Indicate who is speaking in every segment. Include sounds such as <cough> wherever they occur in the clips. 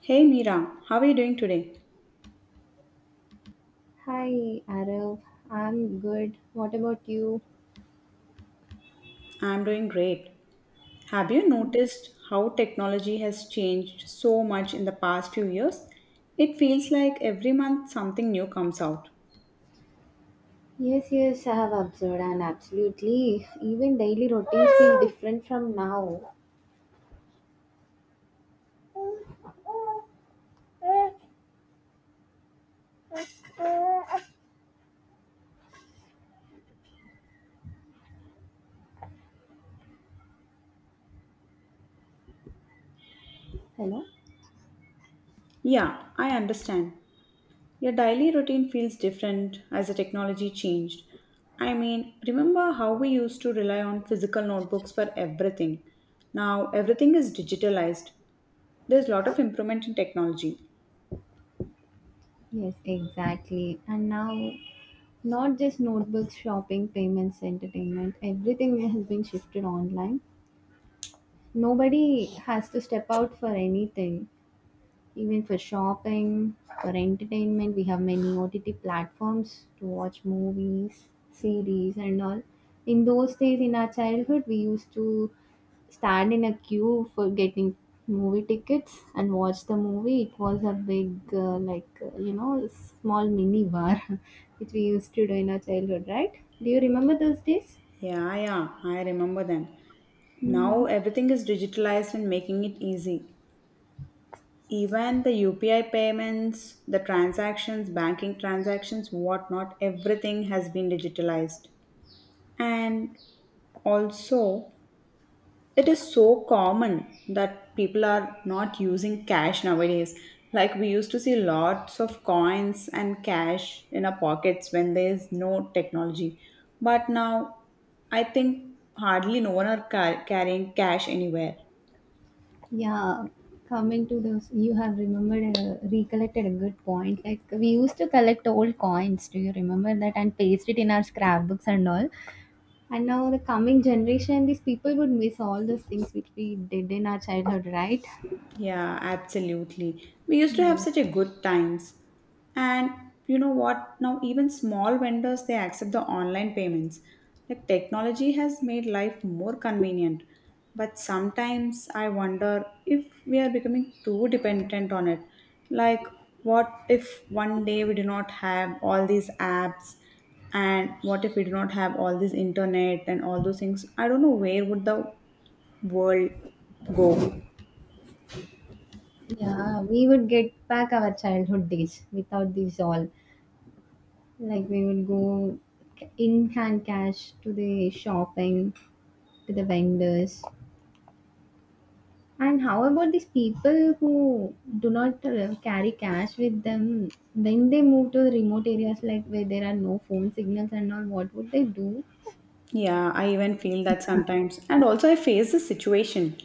Speaker 1: Hey Mira, how are you doing today?
Speaker 2: Hi, Arav. I'm good. What about you?
Speaker 1: I'm doing great. Have you noticed how technology has changed so much in the past few years? It feels like every month something new comes out.
Speaker 2: Yes, I have observed, and absolutely, even daily routines feel different from now. Hello?
Speaker 1: Yeah, I understand. Your daily routine feels different as the technology changed. I mean, remember how we used to rely on physical notebooks for everything? Now everything is digitalized. There's a lot of improvement in technology.
Speaker 2: Yes, exactly. And now, not just notebooks, shopping, payments, entertainment, everything has been shifted online. Nobody has to step out for anything. Even for shopping, for entertainment, we have many OTT platforms to watch movies, series, and all. In those days, in our childhood, we used to stand in a queue for getting movie tickets and watch the movie. It was a big, small mini bar, <laughs> which we used to do in our childhood, right? Do you remember those days?
Speaker 1: Yeah, yeah, I remember them. Now
Speaker 2: Mm-hmm.
Speaker 1: everything is digitalized and making it easy. Even the UPI payments, the transactions, banking transactions, whatnot, everything has been digitalized. And also, it is so common that people are not using cash nowadays. Like we used to see lots of coins and cash in our pockets when there is no technology. But now, I think hardly no one are carrying cash anywhere.
Speaker 2: Yeah, coming to those, you have remembered, recollected a good point. Like we used to collect old coins. Do you remember that? And paste it in our scrapbooks and all. And now the coming generation, these people would miss all those things which we did in our childhood, right?
Speaker 1: Yeah, absolutely. We used to have
Speaker 2: Yeah,
Speaker 1: such a good times. And you know what? Now even small vendors they accept the online payments. Like technology has made life more convenient. But sometimes I wonder if we are becoming too dependent on it. Like what if one day we do not have all these apps, and what if we do not have all this internet and all those things? I don't know where would the world go.
Speaker 2: yeah. We would get back our childhood days without these all. Like we would go in hand cash to the shopping, to the vendors, and how about these people who do not carry cash with them when they move to the remote areas, like where there are no phone signals and all? What would they do?
Speaker 1: Yeah, I even feel that sometimes. And also I face the situation.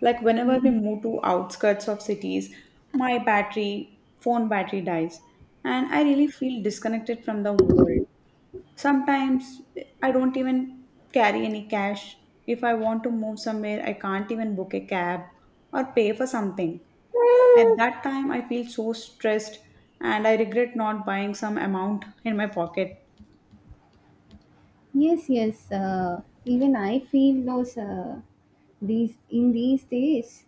Speaker 1: Like whenever we
Speaker 2: Mm.
Speaker 1: move to outskirts of cities, my battery, phone battery dies. And I really feel disconnected from the world. Sometimes I don't even carry any cash. If I want to move somewhere, I can't even book a cab or pay for something. At that time, I feel so stressed and I regret not buying some amount in my pocket.
Speaker 2: Yes. Even I feel those these in these days,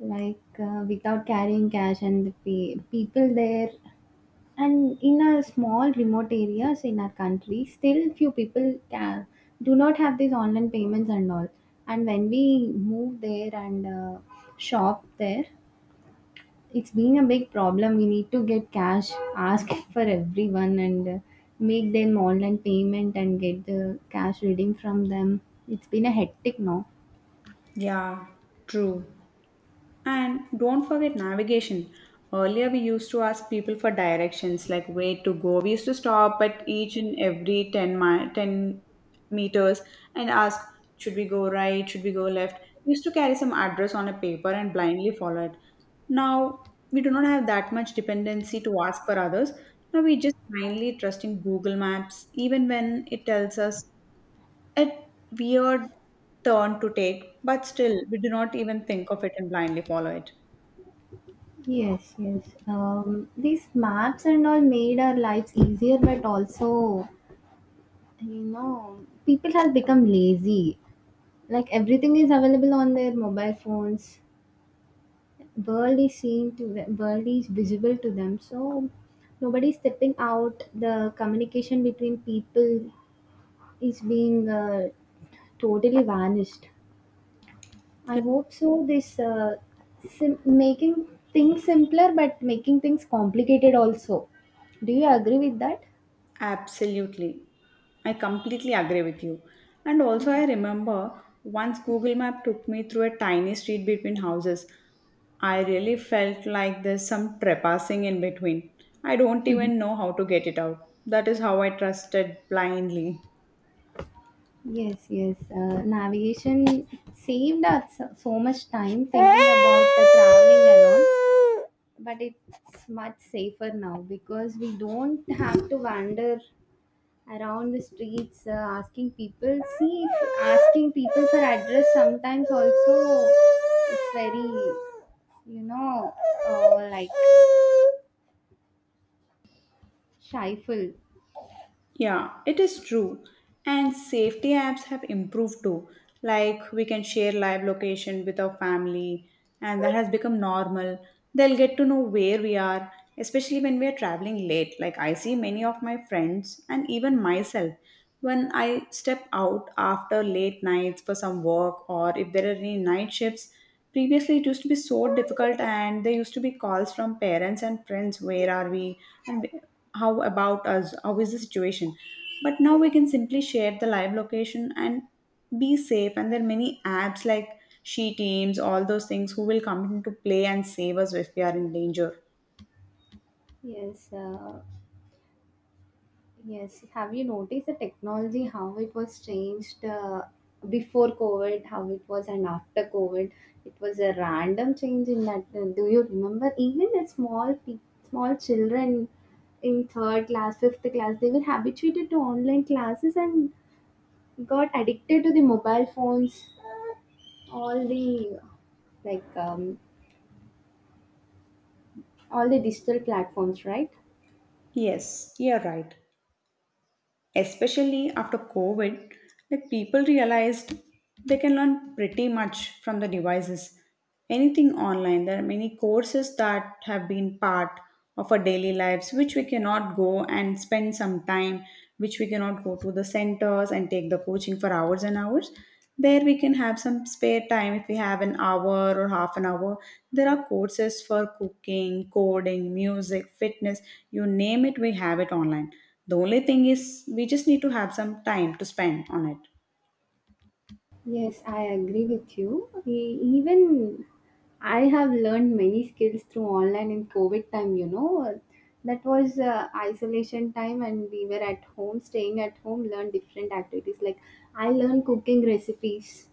Speaker 2: like without carrying cash, and people there and in a small remote areas in our country still few people can, do not have these online payments and all, and when we move there and shop there, it's been a big problem. We need to get cash, ask <laughs> for everyone and make them online payment and get the cash reading from them. It's been a hectic now.
Speaker 1: Yeah, true. And don't forget navigation. Earlier, we used to ask people for directions, like where to go. We used to stop at each and every 10 meters and ask, should we go right? Should we go left? We used to carry some address on a paper and blindly follow it. Now, we do not have that much dependency to ask for others. Now, we just blindly trust in Google Maps, even when it tells us a weird turn to take, but still, we do not even think of it and blindly follow it.
Speaker 2: Yes these maps and all made our lives easier, but also I know. People have become lazy. Like everything is available on their mobile phones. World is seen to the world is visible to them. So nobody's stepping out. The communication between people is being totally vanished. I hope so. This making things simpler, but making things complicated also. Do you agree with that?
Speaker 1: Absolutely. I completely agree with you. And also, I remember once Google Map took me through a tiny street between houses. I really felt like there's some trespassing in between. I don't even know how to get it out. That is how I trusted blindly.
Speaker 2: Yes. Navigation saved us so much time thinking about the traveling alone, but it's much safer now because we don't have to wander around the streets, asking people. See, if asking people for address sometimes also it's very, you know, uh, like shyful.
Speaker 1: Yeah, it is true. And safety apps have improved too. Like we can share live location with our family, and that has become normal. They'll get to know where we are, especially when we are traveling late. Like I see many of my friends and even myself when I step out after late nights for some work or if there are any night shifts. Previously, it used to be so difficult, and there used to be calls from parents and friends, where are we? And we- how about us? How is the situation? But now we can simply share the live location and be safe. And there are many apps like She Teams, all those things who will come into play and save us if we are in danger.
Speaker 2: Yes. Yes. Have you noticed the technology, how it was changed before COVID, how it was, and after COVID? It was a random change in that. Do you remember? Even the small children in third class, fifth class, they were habituated to online classes and got addicted to the mobile phones, all the like um, all the digital platforms, right?
Speaker 1: Yes, you're right. Especially after COVID, like people realized they can learn pretty much from the devices. Anything online, there are many courses that have been part of our daily lives, which we cannot go and spend some time, which we cannot go to the centers and take the coaching for hours and hours. There we can have some spare time if we have an hour or half an hour. There are courses for cooking, coding, music, fitness, you name it, we have it online. The only thing is, we just need to have some time to spend on it.
Speaker 2: Yes, I agree with you. Even I have learned many skills through online in COVID time, you know. That was isolation time, and we were at home, staying at home, learn different activities. Like I learned cooking recipes,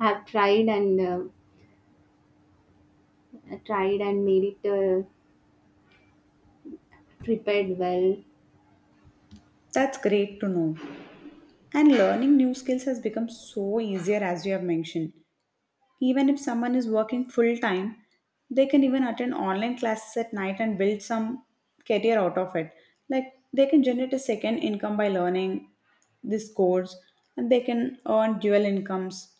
Speaker 2: have tried and tried and made it, prepared well.
Speaker 1: That's great to know. And learning new skills has become so easier, as you have mentioned. Even if someone is working full time, they can even attend online classes at night and build some career out of it. Like they can generate a second income by learning this course, and they can earn dual incomes.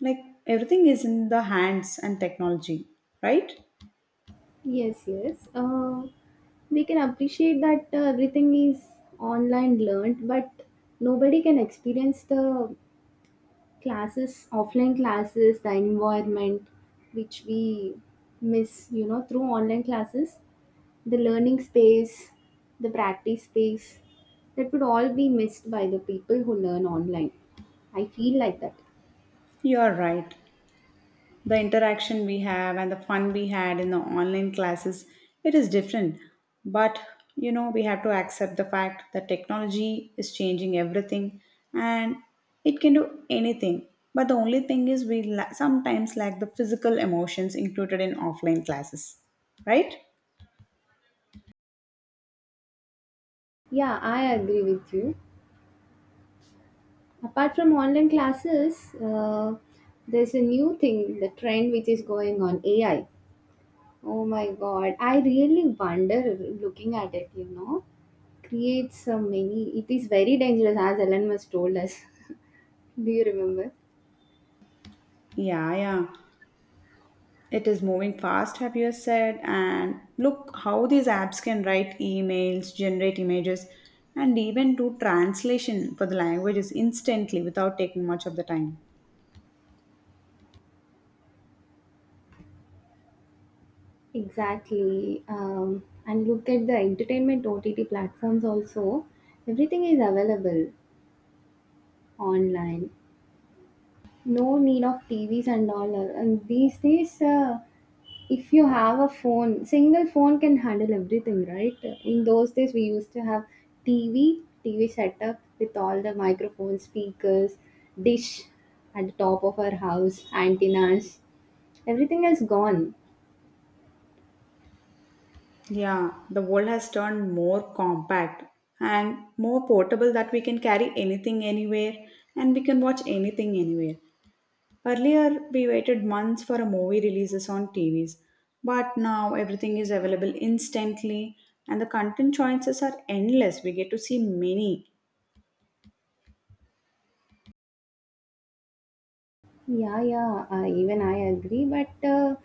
Speaker 1: Like everything is in the hands and technology, right?
Speaker 2: Yes. We can appreciate that everything is online learned, but nobody can experience the classes offline classes, the environment which we miss, you know, through online classes, the learning space, the practice space, that would all be missed by the people who learn online. I feel like that.
Speaker 1: You're right. The interaction we have and the fun we had in the online classes, it is different, but you know, we have to accept the fact that technology is changing everything, and it can do anything, but the only thing is, we sometimes lack the physical emotions included in offline classes, right?
Speaker 2: Yeah, I agree with you. Apart from online classes, there's a new thing, the trend which is going on, AI. Oh my god. I really wonder looking at it, you know. Creates many, it is very dangerous as Ellen was told us. <laughs> Do you remember?
Speaker 1: Yeah, yeah. It is moving fast, have you said? And look how these apps can write emails, generate images, and even do translation for the languages instantly without taking much of the time.
Speaker 2: Exactly. And look at the entertainment OTT platforms also. Everything is available online. No need of TVs and all. And these days, if you have a phone, single phone can handle everything, right? In those days, we used to have TV setup with all the microphone speakers, dish at the top of our house, antennas. Everything has gone.
Speaker 1: Yeah, the world has turned more compact and more portable that we can carry anything anywhere, and we can watch anything anywhere. Earlier, we waited months for a movie releases on TVs, but now everything is available instantly, and the content choices are endless. We get to see many.
Speaker 2: Yeah, even I agree. But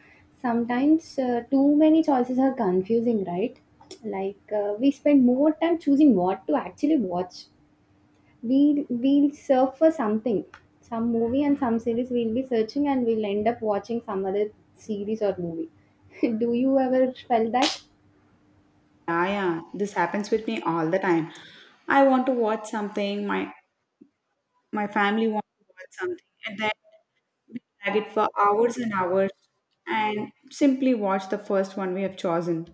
Speaker 2: sometimes too many choices are confusing, right? Like we spend more time choosing what to actually watch. We'll search for something, some movie and some series we'll be searching and we'll end up watching some other series or movie. <laughs> Do you ever felt that?
Speaker 1: Yeah, yeah, this happens with me all the time. I want to watch something, my family wants to watch something, and then we drag it for hours and hours and simply watch the first one we have chosen.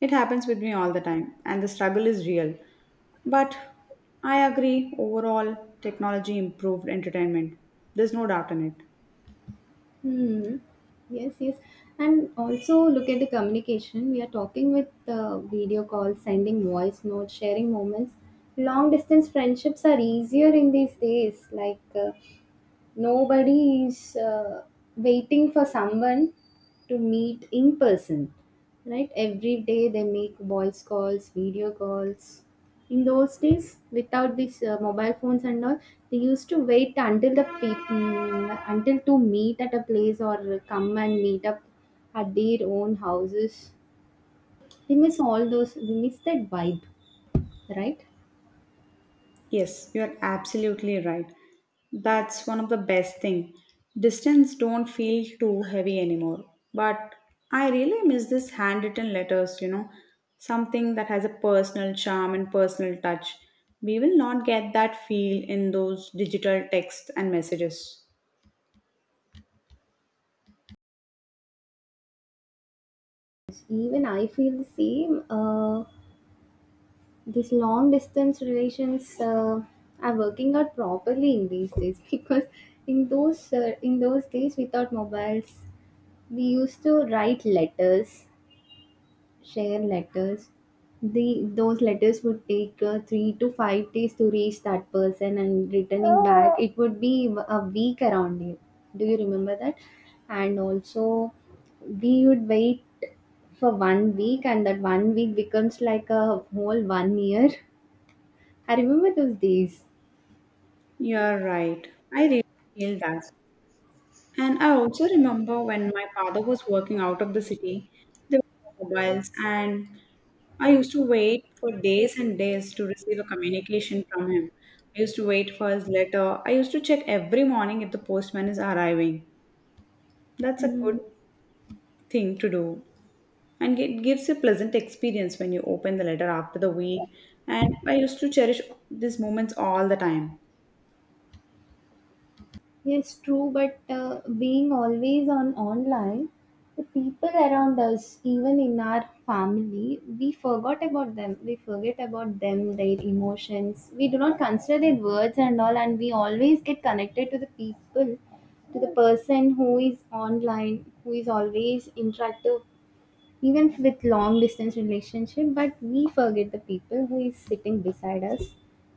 Speaker 1: It happens with me all the time, and the struggle is real. But I agree, overall, technology improved entertainment. There's no doubt in it.
Speaker 2: Hmm. Yes. And also look at the communication. We are talking with video calls, sending voice notes, sharing moments. Long distance friendships are easier in these days. Like nobody is waiting for someone to meet in person, right? Every day they make voice calls, video calls. In those days without these mobile phones and all, they used to wait until the people, until to meet at a place or come and meet up at their own houses. We miss all those, we miss that vibe, right?
Speaker 1: Yes, you're absolutely right. That's one of the best thing. Distance don't feel too heavy anymore. But I really miss this handwritten letters, something that has a personal charm and personal touch. We will not get that feel in those digital texts and messages.
Speaker 2: Even I feel the same. These long distance relations are working out properly in these days <laughs> because in those days without mobiles we used to write letters, share letters. The those letters would take 3 to 5 days to reach that person, and returning back it would be a week around it. Do you remember that? And also we would wait for one week, and that one week becomes like a whole one year. I remember those days.
Speaker 1: You're right. I really feel that. And I also remember when my father was working out of the city, there were no mobiles, and I used to wait for days and days to receive a communication from him. I used to wait for his letter. I used to check every morning if the postman is arriving. That's a good
Speaker 2: Hmm.
Speaker 1: thing to do. And it gives a pleasant experience when you open the letter after the week. And I used to cherish these moments all the time.
Speaker 2: Yes, true, but being always on online, the people around us, even in our family, we forgot about them. We forget about them, their emotions. We do not consider their words and all, and we always get connected to the people, to the person who is online, who is always interactive even with long distance relationship, but we forget the people who is sitting beside us.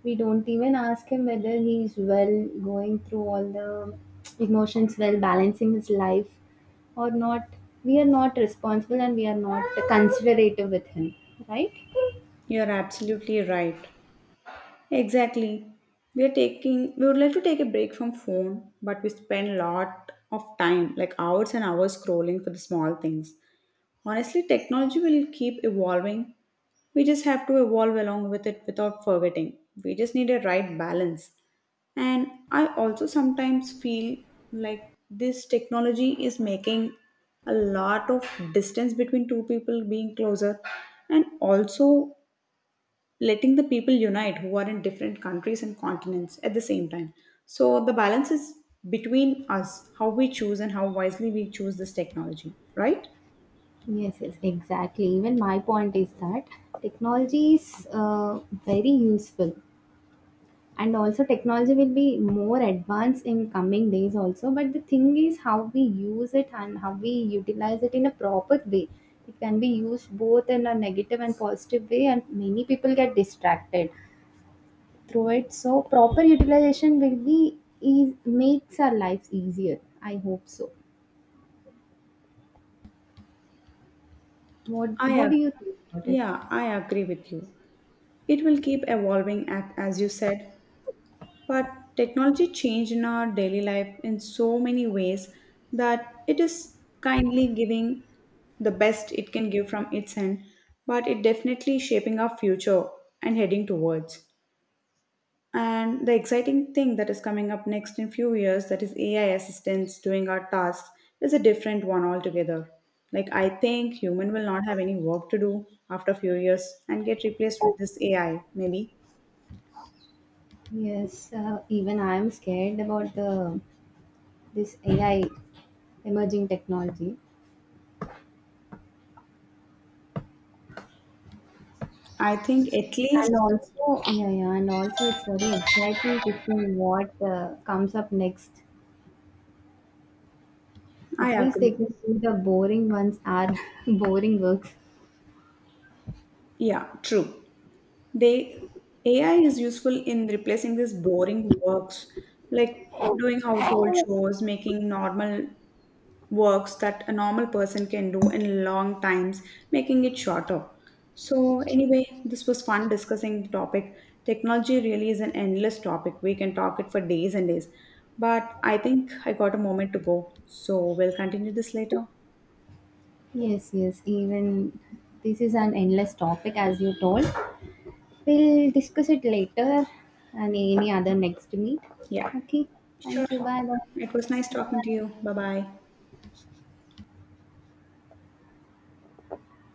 Speaker 2: We don't even ask him whether he's well, going through all the emotions, well balancing his life or not. We are not responsible and we are not considerate with him, right?
Speaker 1: You're absolutely right. Exactly. We are taking, we would like to take a break from phone, but we spend a lot of time, like hours and hours scrolling for the small things. Honestly, technology will keep evolving. We just have to evolve along with it without forgetting. We just need a right balance. And I also sometimes feel like this technology is making a lot of distance between two people being closer, and also letting the people unite who are in different countries and continents at the same time. So the balance is between us, how we choose and how wisely we choose this technology, right?
Speaker 2: Yes, exactly. Even my point is that technology is very useful, and also technology will be more advanced in coming days also, but the thing is how we use it and how we utilize it in a proper way. It can be used both in a negative and positive way, and many people get distracted through it, so proper utilization will be is makes our lives easier, I hope so. what
Speaker 1: I
Speaker 2: what do
Speaker 1: ag-
Speaker 2: you think about it?
Speaker 1: yeah, I agree with you. It will keep evolving at, as you said, but technology changed in our daily life in so many ways that it is kindly giving the best it can give from its end, but it definitely shaping our future and heading towards. And the exciting thing that is coming up next in few years, that is AI assistants doing our tasks, is a different one altogether. Like I think human will not have any work to do after few years and get replaced with this AI, maybe.
Speaker 2: Yes, even I am scared about the this AI emerging technology.
Speaker 1: I think at
Speaker 2: And
Speaker 1: least
Speaker 2: also, yeah, and also it's very exciting to see what comes up next.
Speaker 1: I
Speaker 2: At least
Speaker 1: agree.
Speaker 2: they can see the boring ones are <laughs> boring works.
Speaker 1: Yeah, true. They AI is useful in replacing these boring works, like doing household chores, making normal works that a normal person can do in long times, making it shorter. So, anyway, this was fun discussing the topic. Technology really is an endless topic. We can talk it for days and days. But I think I got a moment to go. So, we'll continue this later.
Speaker 2: Yes, even this is an endless topic as you told. We'll discuss it later and any other next meet.
Speaker 1: Yeah,
Speaker 2: Okay,
Speaker 1: sure.
Speaker 2: thank you. Bye bye.
Speaker 1: It was nice
Speaker 2: Bye
Speaker 1: talking to
Speaker 2: bye.
Speaker 1: you. Bye bye.